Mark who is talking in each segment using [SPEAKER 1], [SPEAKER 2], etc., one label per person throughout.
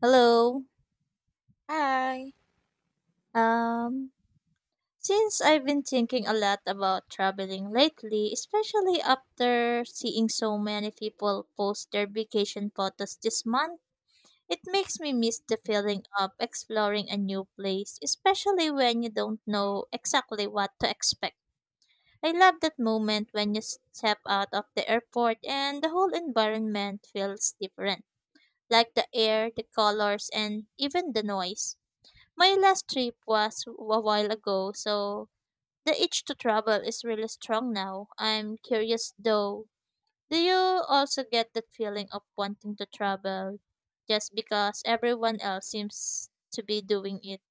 [SPEAKER 1] Hello.
[SPEAKER 2] Hi.
[SPEAKER 1] Um, since I've been thinking a lot about traveling lately, especially after seeing so many people post their vacation photos this month, it makes me miss the feeling of exploring a new place, especially when you don't know exactly what to expect. I love that moment when you step out of the airport and the whole environment feels different, like the air, the colors, and even the noise. My last trip was a while ago, so the itch to travel is really strong now. I'm curious though. Do you also get that feeling of wanting to travel just because everyone else seems to be doing it?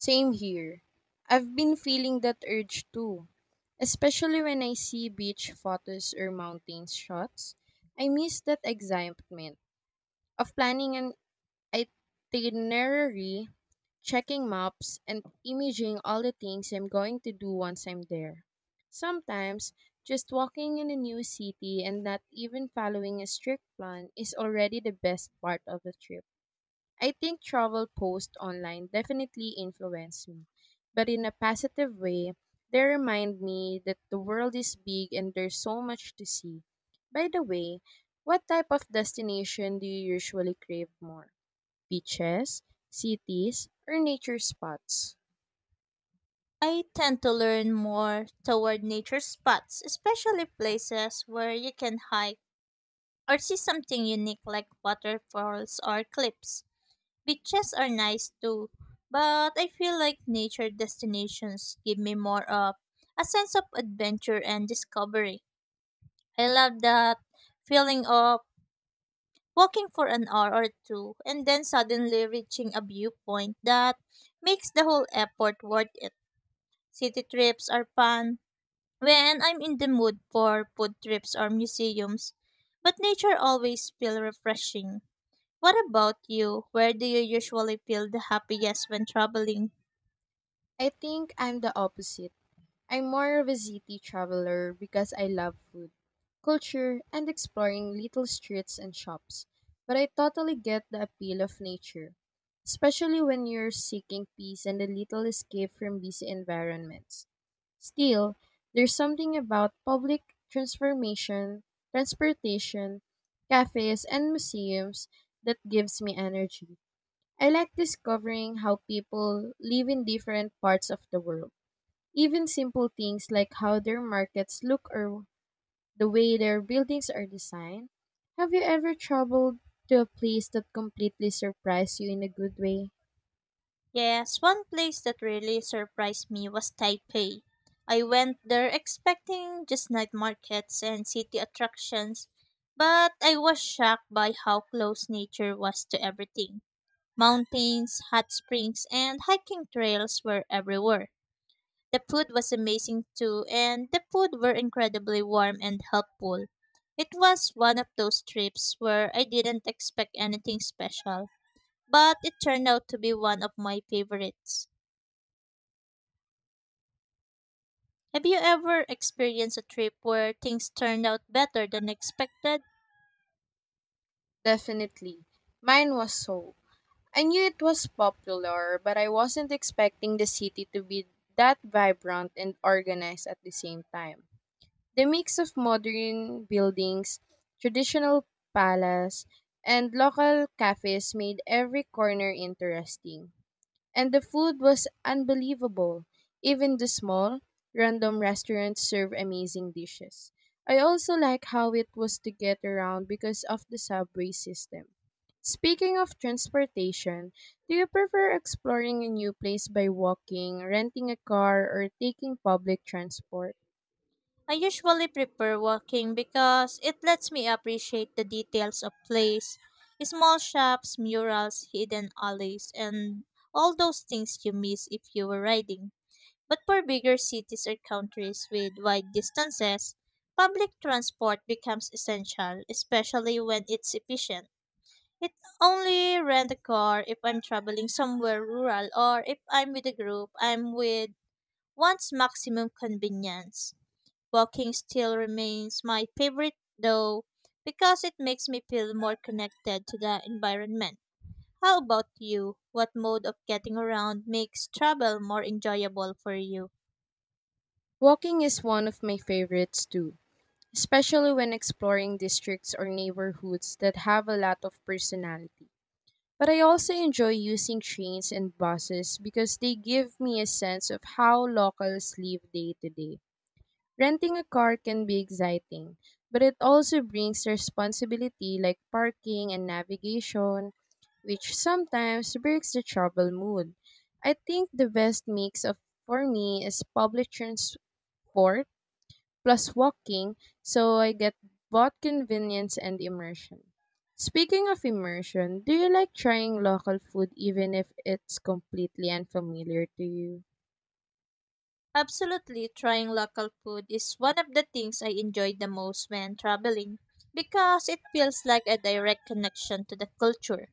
[SPEAKER 2] Same here. I've been feeling that urge too, especially when I see beach photos or mountain shots. I miss that excitement of planning an itinerary, checking maps, and imaging all the things I'm going to do once I'm there. Sometimes, just walking in a new city and not even following a strict plan is already the best part of the trip. I think travel posts online definitely influence me, but in a positive way. They remind me that the world is big and there's so much to see. By the way, what type of destination do you usually crave more? Beaches, cities, or nature spots?
[SPEAKER 1] I tend to learn more toward nature spots, especially places where you can hike or see something unique like waterfalls or cliffs. Beaches are nice too, but I feel like nature destinations give me more of a sense of adventure and discovery. I love that feeling of walking for an hour or two and then suddenly reaching a viewpoint that makes the whole effort worth it. City trips are fun when I'm in the mood for food trips or museums, but nature always feels refreshing. What about you? Where do you usually feel the happiest when traveling?
[SPEAKER 2] I think I'm the opposite. I'm more of a city traveler because I love food, culture, and exploring little streets and shops. But I totally get the appeal of nature, especially when you're seeking peace and a little escape from busy environments. Still, there's something about transportation, cafes, and museums that gives me energy. I like discovering how people live in different parts of the world, even simple things like how their markets look or the way their buildings are designed. Have you ever traveled to a place that completely surprised you in a good way?
[SPEAKER 1] Yes, one place that really surprised me was Taipei. I went there expecting just night markets and city attractions, but I was shocked by how close nature was to everything. Mountains, hot springs, and hiking trails were everywhere. The food was amazing too, and the food were incredibly warm and helpful. It was one of those trips where I didn't expect anything special, but it turned out to be one of my favorites. Have you ever experienced a trip where things turned out better than expected?
[SPEAKER 2] Definitely. Mine was Seoul. I knew it was popular, but I wasn't expecting the city to be that vibrant and organized at the same time. The mix of modern buildings, traditional palace, and local cafes made every corner interesting. And the food was unbelievable. Even the small, random restaurants serve amazing dishes. I also like how it was to get around because of the subway system. Speaking of transportation, do you prefer exploring a new place by walking, renting a car, or taking public transport?
[SPEAKER 1] I usually prefer walking because it lets me appreciate the details of place, small shops, murals, hidden alleys, and all those things you miss if you were riding. But for bigger cities or countries with wide distances, public transport becomes essential, especially when it's efficient. It only rent a car if I'm traveling somewhere rural or if I'm with a group I'm with wants maximum convenience. Walking still remains my favorite though because it makes me feel more connected to the environment. How about you? What mode of getting around makes travel more enjoyable for you?
[SPEAKER 2] Walking is one of my favorites too, especially when exploring districts or neighborhoods that have a lot of personality. But I also enjoy using trains and buses because they give me a sense of how locals live day to day. Renting a car can be exciting, but it also brings responsibility like parking and navigation, which sometimes breaks the travel mood. I think the best mix of for me is public transport plus walking, so I get both convenience and immersion. Speaking of immersion, do you like trying local food even if it's completely unfamiliar to you?
[SPEAKER 1] Absolutely, trying local food is one of the things I enjoy the most when traveling because it feels like a direct connection to the culture.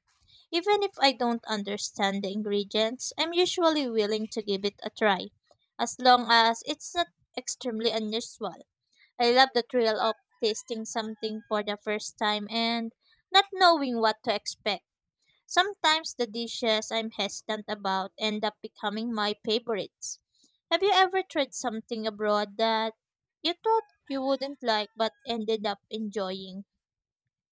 [SPEAKER 1] Even if I don't understand the ingredients, I'm usually willing to give it a try as long as it's not extremely unusual. I love the thrill of tasting something for the first time and not knowing what to expect. Sometimes the dishes I'm hesitant about end up becoming my favorites. Have you ever tried something abroad that you thought you wouldn't like but ended up enjoying?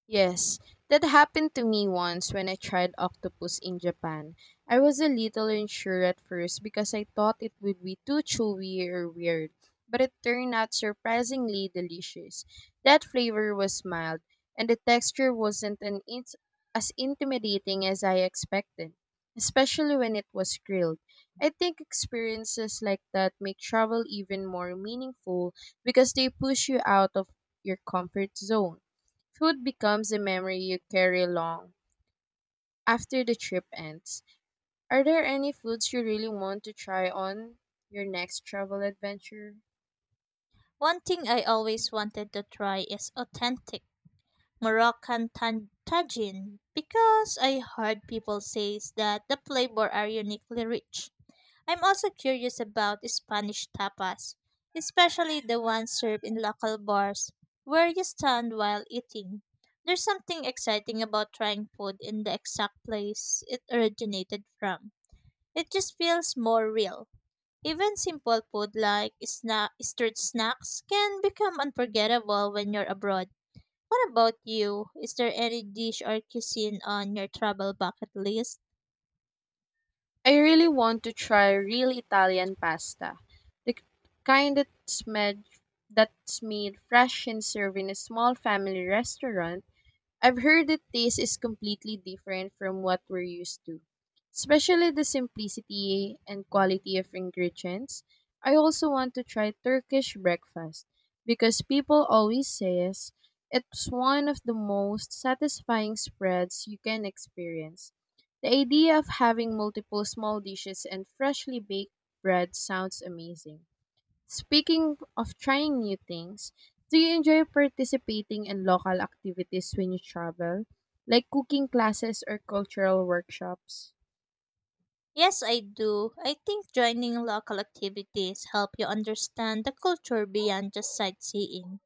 [SPEAKER 2] Yes, that happened to me once when I tried octopus in Japan. I was a little unsure at first because I thought it would be too chewy or weird, but it turned out surprisingly delicious. That flavor was mild, and the texture wasn't as intimidating as I expected, especially when it was grilled. I think experiences like that make travel even more meaningful because they push you out of your comfort zone. Food becomes a memory you carry long after the trip ends. Are there any foods you really want to try on your next travel adventure?
[SPEAKER 1] One thing I always wanted to try is authentic Moroccan tagine because I heard people say that the flavor are uniquely rich. I'm also curious about Spanish tapas, especially the ones served in local bars where you stand while eating. There's something exciting about trying food in the exact place it originated from. It just feels more real. Even simple food like street snacks can become unforgettable when you're abroad. What about you? Is there any dish or cuisine on your travel bucket list?
[SPEAKER 2] I really want to try real Italian pasta, the kind that's made, that's made fresh and served in a small family restaurant. I've heard that taste is completely different from what we're used to, especially the simplicity and quality of ingredients. I also want to try Turkish breakfast because people always says it's one of the most satisfying spreads you can experience. The idea of having multiple small dishes and freshly baked bread sounds amazing. Speaking of trying new things, do you enjoy participating in local activities when you travel, like cooking classes or cultural workshops?
[SPEAKER 1] Yes, I do. I think joining local activities help you understand the culture beyond just sightseeing.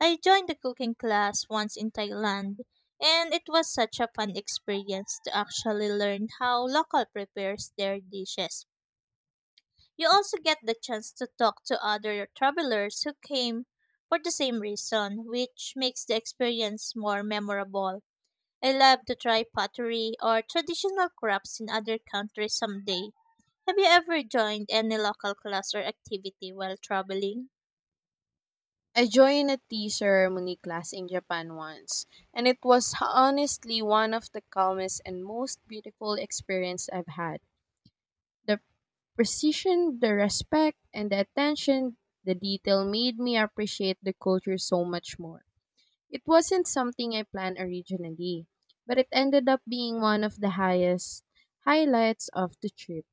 [SPEAKER 1] I joined a cooking class once in Thailand, and it was such a fun experience to actually learn how local prepares their dishes. You also get the chance to talk to other travelers who came for the same reason, which makes the experience more memorable. I love to try pottery or traditional crafts in other countries someday. Have you ever joined any local class or activity while traveling?
[SPEAKER 2] I joined a tea ceremony class in Japan once, and it was honestly one of the calmest and most beautiful experience I've had. The precision, the respect, and the attention, the detail made me appreciate the culture so much more. It wasn't something I planned originally, but it ended up being one of the highest highlights of the trip.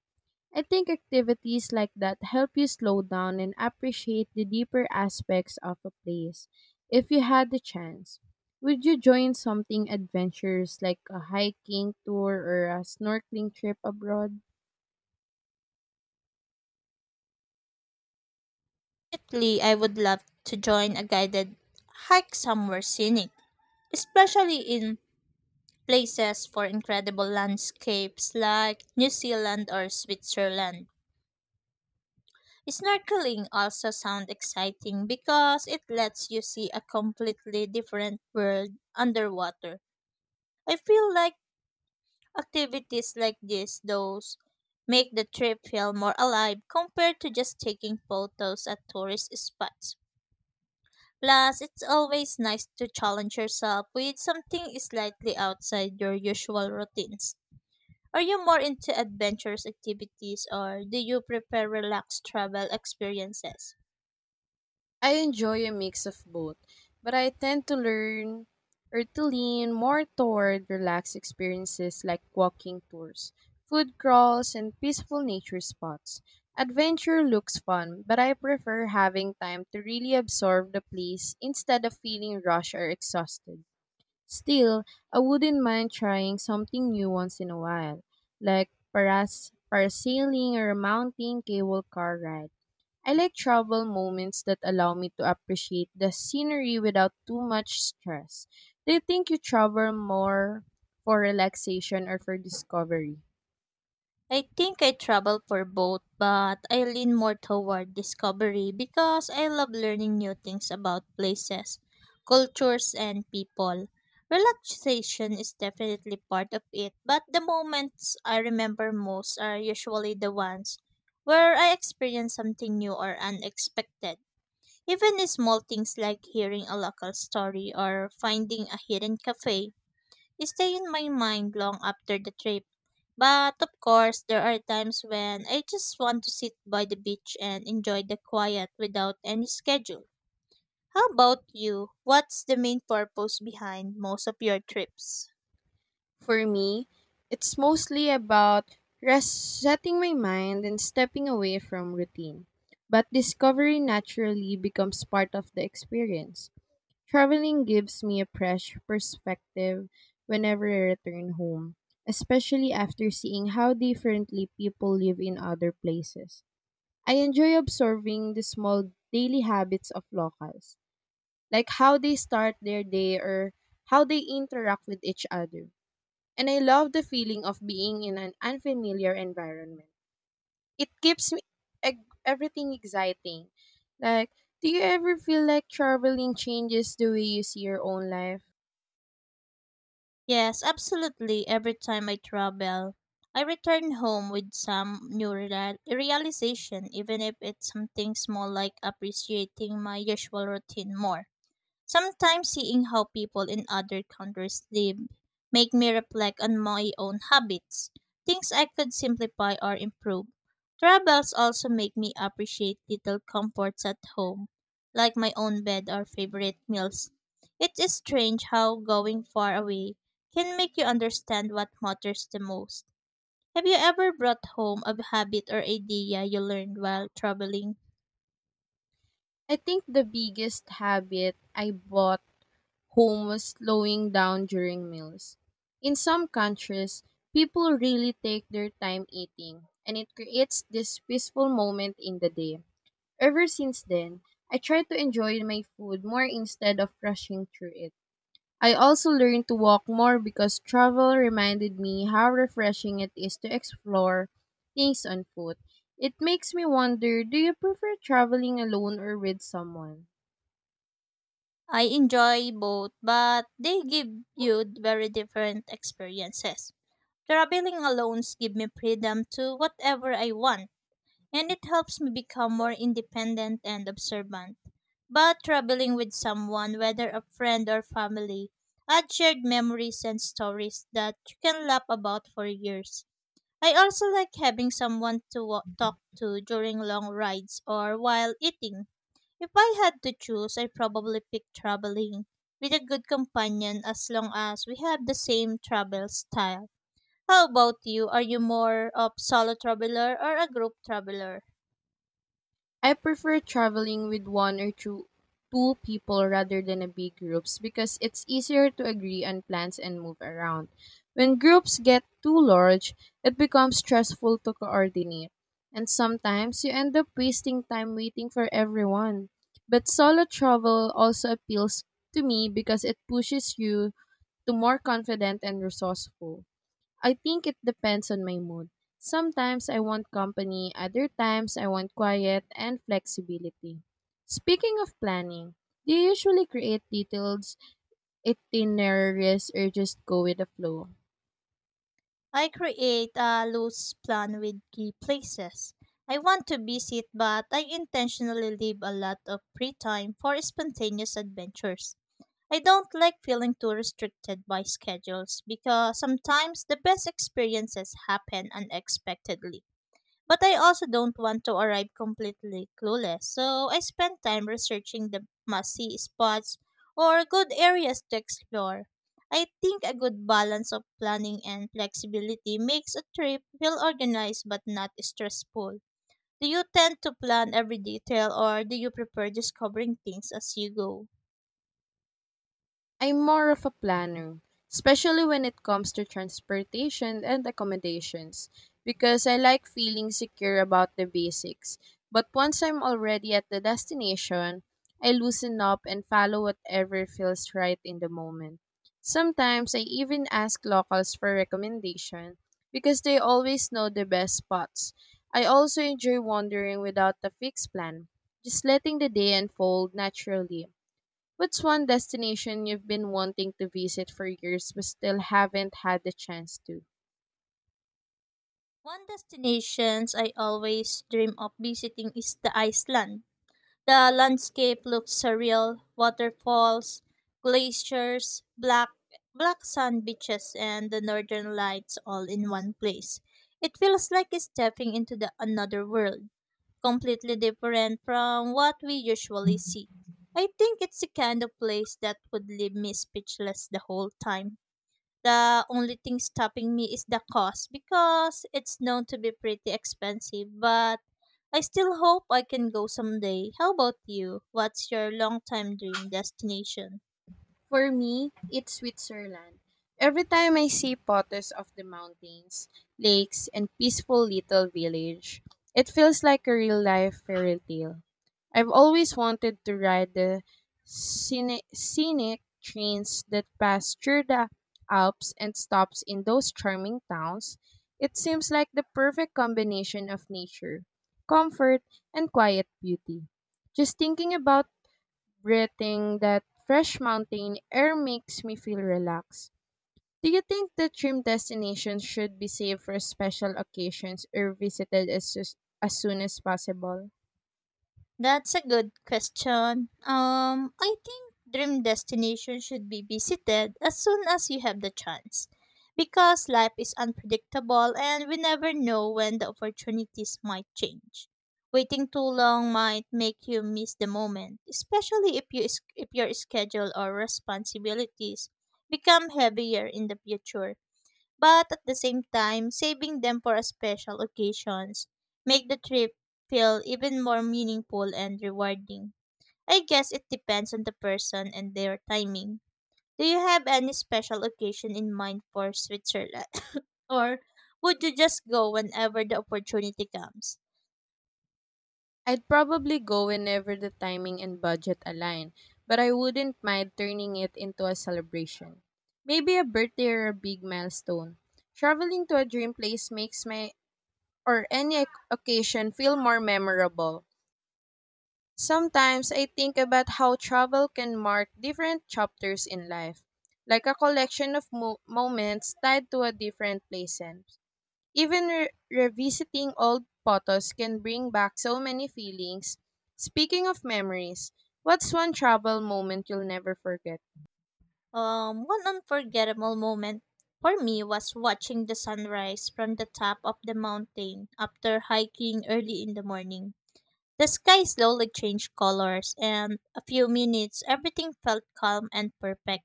[SPEAKER 2] I think activities like that help you slow down and appreciate the deeper aspects of a place. If you had the chance, would you join something adventurous like a hiking tour or a snorkeling trip abroad?
[SPEAKER 1] Definitely, I would love to join a guided hike somewhere scenic, especially in places for incredible landscapes like New Zealand or Switzerland. Snorkeling also sounds exciting because it lets you see a completely different world underwater. I feel like activities like this, those make the trip feel more alive compared to just taking photos at tourist spots. Plus, it's always nice to challenge yourself with something slightly outside your usual routines. Are you more into adventurous activities or do you prefer relaxed travel experiences?
[SPEAKER 2] I enjoy a mix of both, but I tend to learn or to lean more toward relaxed experiences like walking tours, food crawls, and peaceful nature spots. Adventure looks fun, but I prefer having time to really absorb the place instead of feeling rushed or exhausted. Still, I wouldn't mind trying something new once in a while, like parasailing or a mountain cable car ride. I like travel moments that allow me to appreciate the scenery without too much stress. Do you think you travel more for relaxation or for discovery?
[SPEAKER 1] I think I travel for both, but I lean more toward discovery because I love learning new things about places, cultures, and people. Relaxation is definitely part of it, but the moments I remember most are usually the ones where I experience something new or unexpected. Even small things like hearing a local story or finding a hidden cafe stay in my mind long after the trip. But of course, there are times when I just want to sit by the beach and enjoy the quiet without any schedule. How about you? What's the main purpose behind most of your trips?
[SPEAKER 2] For me, it's mostly about resetting my mind and stepping away from routine. But discovery naturally becomes part of the experience. Traveling gives me a fresh perspective whenever I return home, especially after seeing how differently people live in other places. I enjoy observing the small daily habits of locals, like how they start their day or how they interact with each other. And I love the feeling of being in an unfamiliar environment. It keeps everything exciting. Like, do you ever feel like traveling changes the way you see your own life?
[SPEAKER 1] Yes, absolutely. Every time I travel, I return home with some new realization, even if it's something small like appreciating my usual routine more. Sometimes seeing how people in other countries live make me reflect on my own habits, things I could simplify or improve. Travels also make me appreciate little comforts at home, like my own bed or favorite meals. It is strange how going far away can make you understand what matters the most. Have you ever brought home a habit or idea you learned while traveling?
[SPEAKER 2] I think the biggest habit I bought home was slowing down during meals. In some countries, people really take their time eating, and it creates this peaceful moment in the day. Ever since then, I try to enjoy my food more instead of rushing through it. I also learned to walk more because travel reminded me how refreshing it is to explore things on foot. It makes me wonder, do you prefer traveling alone or with someone?
[SPEAKER 1] I enjoy both, but they give you very different experiences. Traveling alone gives me freedom to whatever I want, and it helps me become more independent and observant. But traveling with someone, whether a friend or family, adds shared memories and stories that you can laugh about for years. I also like having someone to talk to during long rides or while eating. If I had to choose, I probably pick traveling with a good companion as long as we have the same travel style. How about you? Are you more of solo traveler or a group traveler?
[SPEAKER 2] I prefer traveling with one or two people rather than a big groups because it's easier to agree on plans and move around. When groups get too large, it becomes stressful to coordinate, and sometimes you end up wasting time waiting for everyone. But solo travel also appeals to me because it pushes you to more confident and resourceful. I think it depends on my mood. Sometimes I want company, other times I want quiet and flexibility. Speaking of planning, do you usually create detailed itineraries or just go with the flow?
[SPEAKER 1] I create a loose plan with key places. I want to visit, but I intentionally leave a lot of free time for spontaneous adventures. I don't like feeling too restricted by schedules because sometimes the best experiences happen unexpectedly. But I also don't want to arrive completely clueless, so I spend time researching the must-see spots or good areas to explore. I think a good balance of planning and flexibility makes a trip feel organized but not stressful. Do you tend to plan every detail or do you prefer discovering things as you go?
[SPEAKER 2] I'm more of a planner, especially when it comes to transportation and accommodations, because I like feeling secure about the basics. But once I'm already at the destination, I loosen up and follow whatever feels right in the moment. Sometimes I even ask locals for recommendation because they always know the best spots. I also enjoy wandering without a fixed plan, just letting the day unfold naturally. What's one destination you've been wanting to visit for years but still haven't had the chance to?
[SPEAKER 1] One destinations I always dream of visiting is the Iceland. The landscape looks surreal waterfalls, glaciers, black sand beaches, and the northern lights all in one place. It feels like stepping into the another world, completely different from what we usually see. I think it's the kind of place that would leave me speechless the whole time. The only thing stopping me is the cost because it's known to be pretty expensive, but I still hope I can go someday. How about you? What's your long time dream destination?
[SPEAKER 2] For me, it's Switzerland. Every time I see photos of the mountains, lakes, and peaceful little village, it feels like a real life fairy tale. I've always wanted to ride the scenic trains that pass through the Alps and stops in those charming towns. It seems like the perfect combination of nature, comfort, and quiet beauty. Just thinking about breathing that fresh mountain air makes me feel relaxed. Do you think that dream destinations should be saved for special occasions or visited as soon as possible?
[SPEAKER 1] That's a good question. I think dream destination should be visited as soon as you have the chance because life is unpredictable and we never know when the opportunities might change. Waiting too long might make you miss the moment, especially if your schedule or responsibilities become heavier in the future, but at the same time, saving them for special occasions make the trip feel even more meaningful and rewarding. I guess it depends on the person and their timing. Do you have any special occasion in mind for Switzerland? Or would you just go whenever the opportunity comes?
[SPEAKER 2] I'd probably go whenever the timing and budget align, but I wouldn't mind turning it into a celebration. Maybe a birthday or a big milestone. Traveling to a dream place makes my or any occasion feel more memorable. Sometimes I think about how travel can mark different chapters in life, like a collection of moments tied to a different places. Even revisiting old photos can bring back so many feelings. Speaking of memories, what's one travel moment you'll never forget?
[SPEAKER 1] One unforgettable moment for me was watching the sunrise from the top of the mountain after hiking early in the morning. The sky slowly changed colors, and a few minutes everything felt calm and perfect.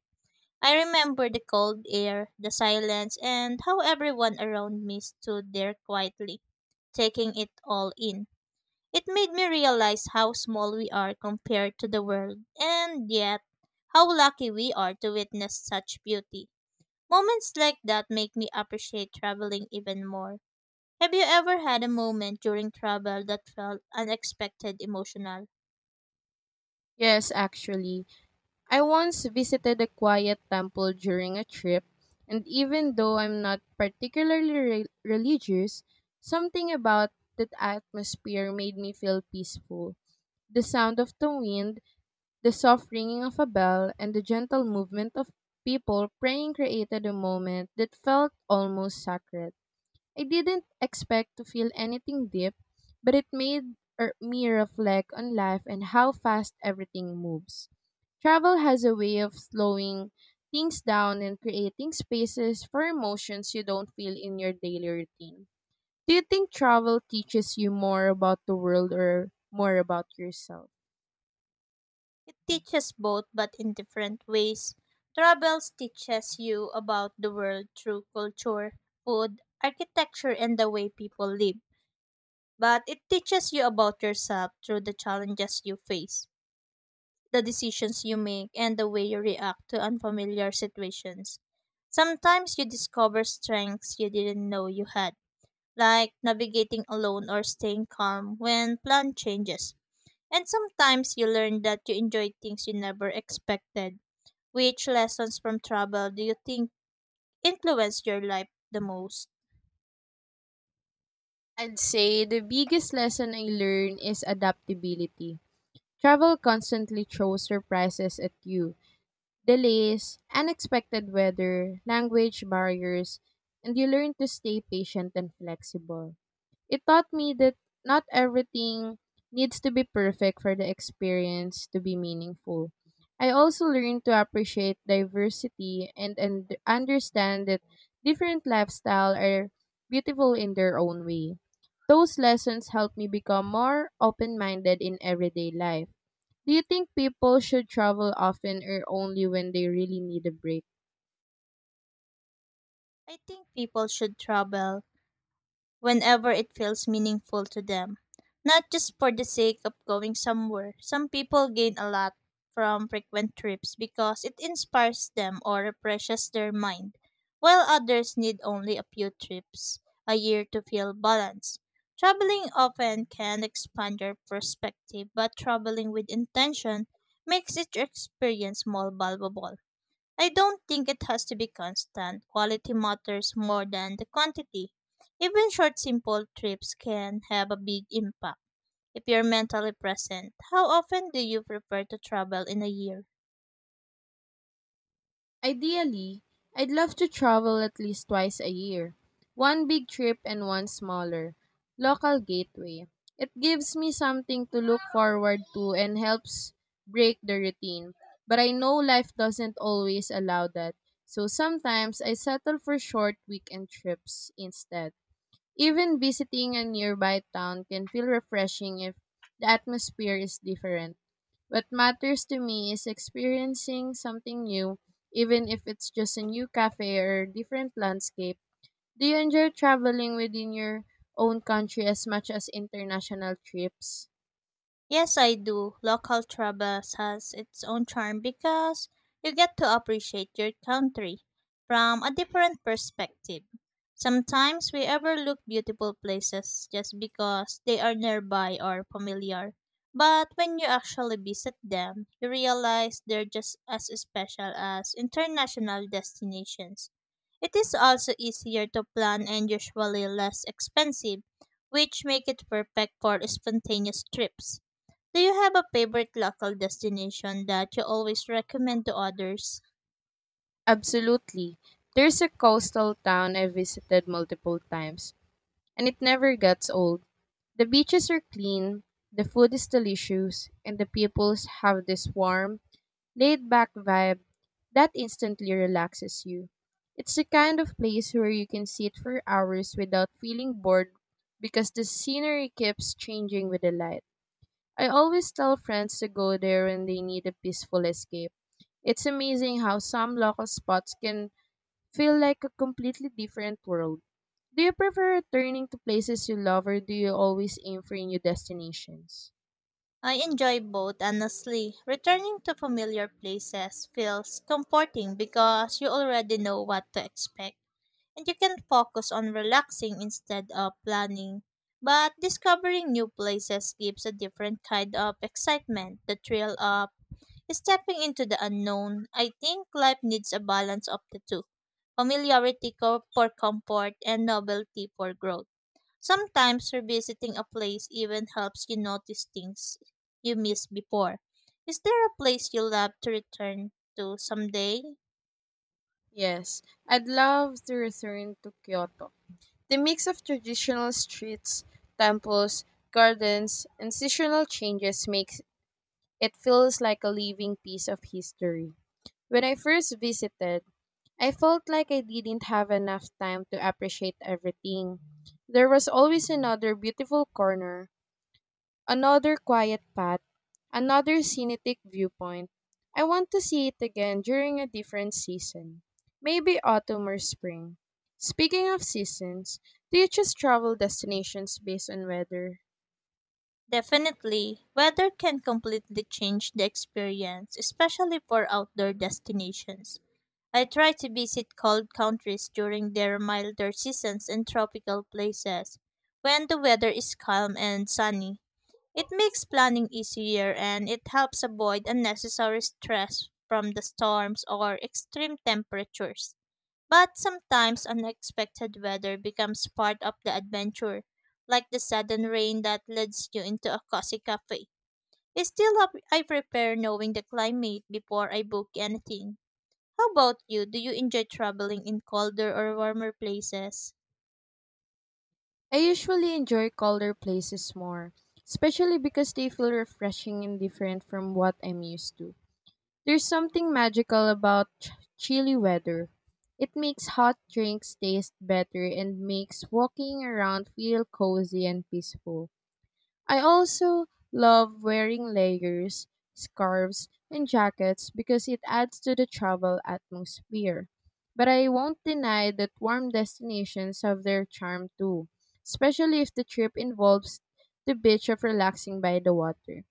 [SPEAKER 1] I remember the cold air, the silence, and how everyone around me stood there quietly, taking it all in. It made me realize how small we are compared to the world, and yet how lucky we are to witness such beauty. Moments like that make me appreciate traveling even more. Have you ever had a moment during travel that felt unexpected emotional?
[SPEAKER 2] Yes, actually. I once visited a quiet temple during a trip, and even though I'm not particularly religious, something about that atmosphere made me feel peaceful. The sound of the wind, the soft ringing of a bell, and the gentle movement of people praying created a moment that felt almost sacred. I didn't expect to feel anything deep, but it made me reflect on life and how fast everything moves. Travel has a way of slowing things down and creating spaces for emotions you don't feel in your daily routine. Do you think travel teaches you more about the world or more about yourself?
[SPEAKER 1] It teaches both, but in different ways. Travels teaches you about the world through culture, food, architecture, and the way people live. But it teaches you about yourself through the challenges you face, the decisions you make, and the way you react to unfamiliar situations. Sometimes you discover strengths you didn't know you had, like navigating alone or staying calm when plan changes. And sometimes you learn that you enjoy things you never expected. Which lessons from travel do you think influenced your life the most?
[SPEAKER 2] I'd say the biggest lesson I learned is adaptability. Travel constantly throws surprises at you. Delays, unexpected weather, language barriers, and you learn to stay patient and flexible. It taught me that not everything needs to be perfect for the experience to be meaningful. I also learned to appreciate diversity and understand that different lifestyles are beautiful in their own way. Those lessons helped me become more open minded in everyday life. Do you think people should travel often or only when they really need a break?
[SPEAKER 1] I think people should travel whenever it feels meaningful to them, not just for the sake of going somewhere. Some people gain a lot from frequent trips because it inspires them or refreshes their mind, while others need only a few trips a year to feel balanced. Traveling often can expand your perspective, but traveling with intention makes each experience more valuable. I don't think it has to be constant. Quality matters more than the quantity. Even short, simple trips can have a big impact if you're mentally present. How often do you prefer to travel in a year?
[SPEAKER 2] Ideally, I'd love to travel at least twice a year, one big trip and one smaller, local gateway. It gives me something to look forward to and helps break the routine. But I know life doesn't always allow that, so sometimes I settle for short weekend trips instead. Even visiting a nearby town can feel refreshing if the atmosphere is different. What matters to me is experiencing something new, even if it's just a new cafe or different landscape. Do you enjoy traveling within your own country as much as international trips?
[SPEAKER 1] Yes, I do. Local travel has its own charm because you get to appreciate your country from a different perspective. Sometimes we overlook beautiful places just because they are nearby or familiar. But when you actually visit them, you realize they're just as special as international destinations. It is also easier to plan and usually less expensive, which make it perfect for spontaneous trips. Do you have a favorite local destination that you always recommend to others?
[SPEAKER 2] Absolutely. There's a coastal town I visited multiple times, and it never gets old. The beaches are clean, the food is delicious, and the people have this warm, laid back vibe that instantly relaxes you. It's the kind of place where you can sit for hours without feeling bored because the scenery keeps changing with the light. I always tell friends to go there when they need a peaceful escape. It's amazing how some local spots can feel like a completely different world. Do you prefer returning to places you love, or do you always aim for new destinations?
[SPEAKER 1] I enjoy both, honestly. Returning to familiar places feels comforting because you already know what to expect, and you can focus on relaxing instead of planning. But discovering new places gives a different kind of excitement, the thrill of stepping into the unknown. I think life needs a balance of the two, familiarity for comfort and novelty for growth. Sometimes revisiting a place even helps you notice things you missed before. Is there a place you love to return to someday?
[SPEAKER 2] Yes, I'd love to return to Kyoto. The mix of traditional streets, temples, gardens, and seasonal changes makes it feels like a living piece of history. When I first visited, I felt like I didn't have enough time to appreciate everything. There was always another beautiful corner, another quiet path, another scenic viewpoint. I want to see it again during a different season, maybe autumn or spring. Speaking of seasons, do you just travel destinations based on weather?
[SPEAKER 1] Definitely, weather can completely change the experience, especially for outdoor destinations. I try to visit cold countries during their milder seasons and tropical places when the weather is calm and sunny. It makes planning easier and it helps avoid unnecessary stress from the storms or extreme temperatures. But sometimes unexpected weather becomes part of the adventure, like the sudden rain that leads you into a cozy cafe. Still, I prepare knowing the climate before I book anything. How about you? Do you enjoy traveling in colder or warmer places?
[SPEAKER 2] I usually enjoy colder places more, especially because they feel refreshing and different from what I'm used to. There's something magical about chilly weather. It makes hot drinks taste better and makes walking around feel cozy and peaceful. I also love wearing layers, scarves, and jackets because it adds to the travel atmosphere. But I won't deny that warm destinations have their charm too, especially if the trip involves the beach of relaxing by the water.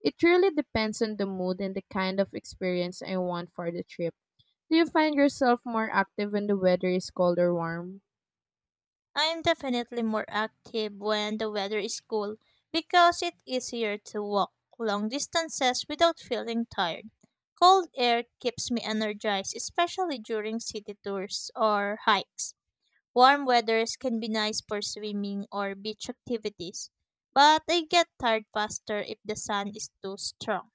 [SPEAKER 2] It really depends on the mood and the kind of experience I want for the trip. Do you find yourself more active when the weather is cold or warm?
[SPEAKER 1] I'm definitely more active when the weather is cool because it's easier to walk long distances without feeling tired. Cold air keeps me energized, especially during city tours or hikes. Warm weathers can be nice for swimming or beach activities, but I get tired faster if the sun is too strong.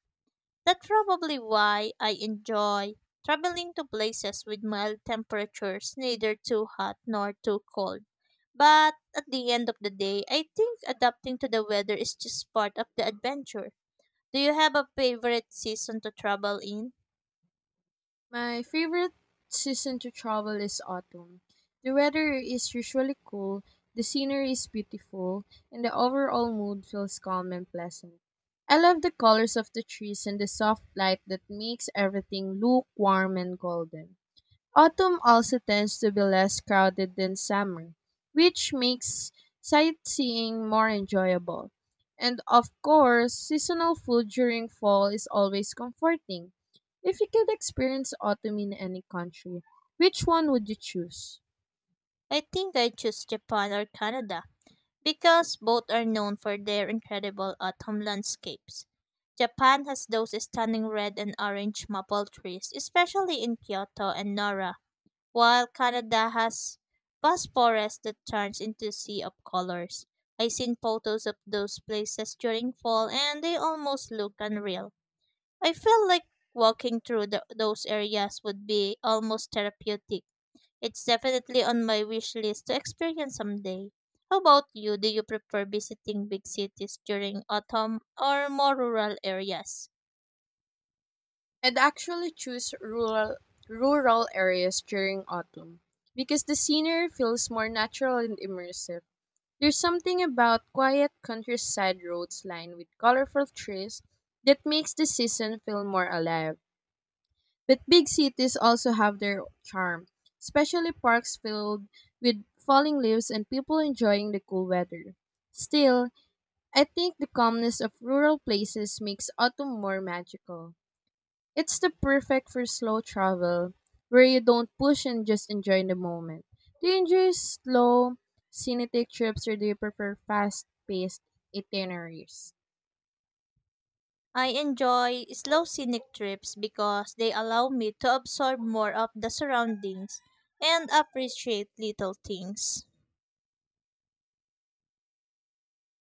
[SPEAKER 1] That's probably why I enjoy traveling to places with mild temperatures, neither too hot nor too cold. But at the end of the day, I think adapting to the weather is just part of the adventure. Do you have a favorite season to travel in?
[SPEAKER 2] My favorite season to travel is autumn. The weather is usually cool, the scenery is beautiful, and the overall mood feels calm and pleasant. I love the colors of the trees and the soft light that makes everything look warm and golden. Autumn also tends to be less crowded than summer, which makes sightseeing more enjoyable. And of course, seasonal food during fall is always comforting. If you could experience autumn in any country, which one would you choose?
[SPEAKER 1] I think I choose Japan or Canada because both are known for their incredible autumn landscapes. Japan has those stunning red and orange maple trees, especially in Kyoto and Nara, while Canada has vast forest that turns into a sea of colors. I seen photos of those places during fall and they almost look unreal. I feel like walking through those areas would be almost therapeutic. It's definitely on my wish list to experience someday. How about you? Do you prefer visiting big cities during autumn or more rural areas?
[SPEAKER 2] I'd actually choose rural areas during autumn because the scenery feels more natural and immersive. There's something about quiet countryside roads lined with colorful trees that makes the season feel more alive. But big cities also have their charm, especially parks filled with falling leaves and people enjoying the cool weather. Still, I think the calmness of rural places makes autumn more magical. It's the perfect for slow travel where you don't push and just enjoy the moment. Do you enjoy slow, scenic trips, or do you prefer fast paced itineraries?
[SPEAKER 1] I enjoy slow scenic trips because they allow me to absorb more of the surroundings and appreciate little things.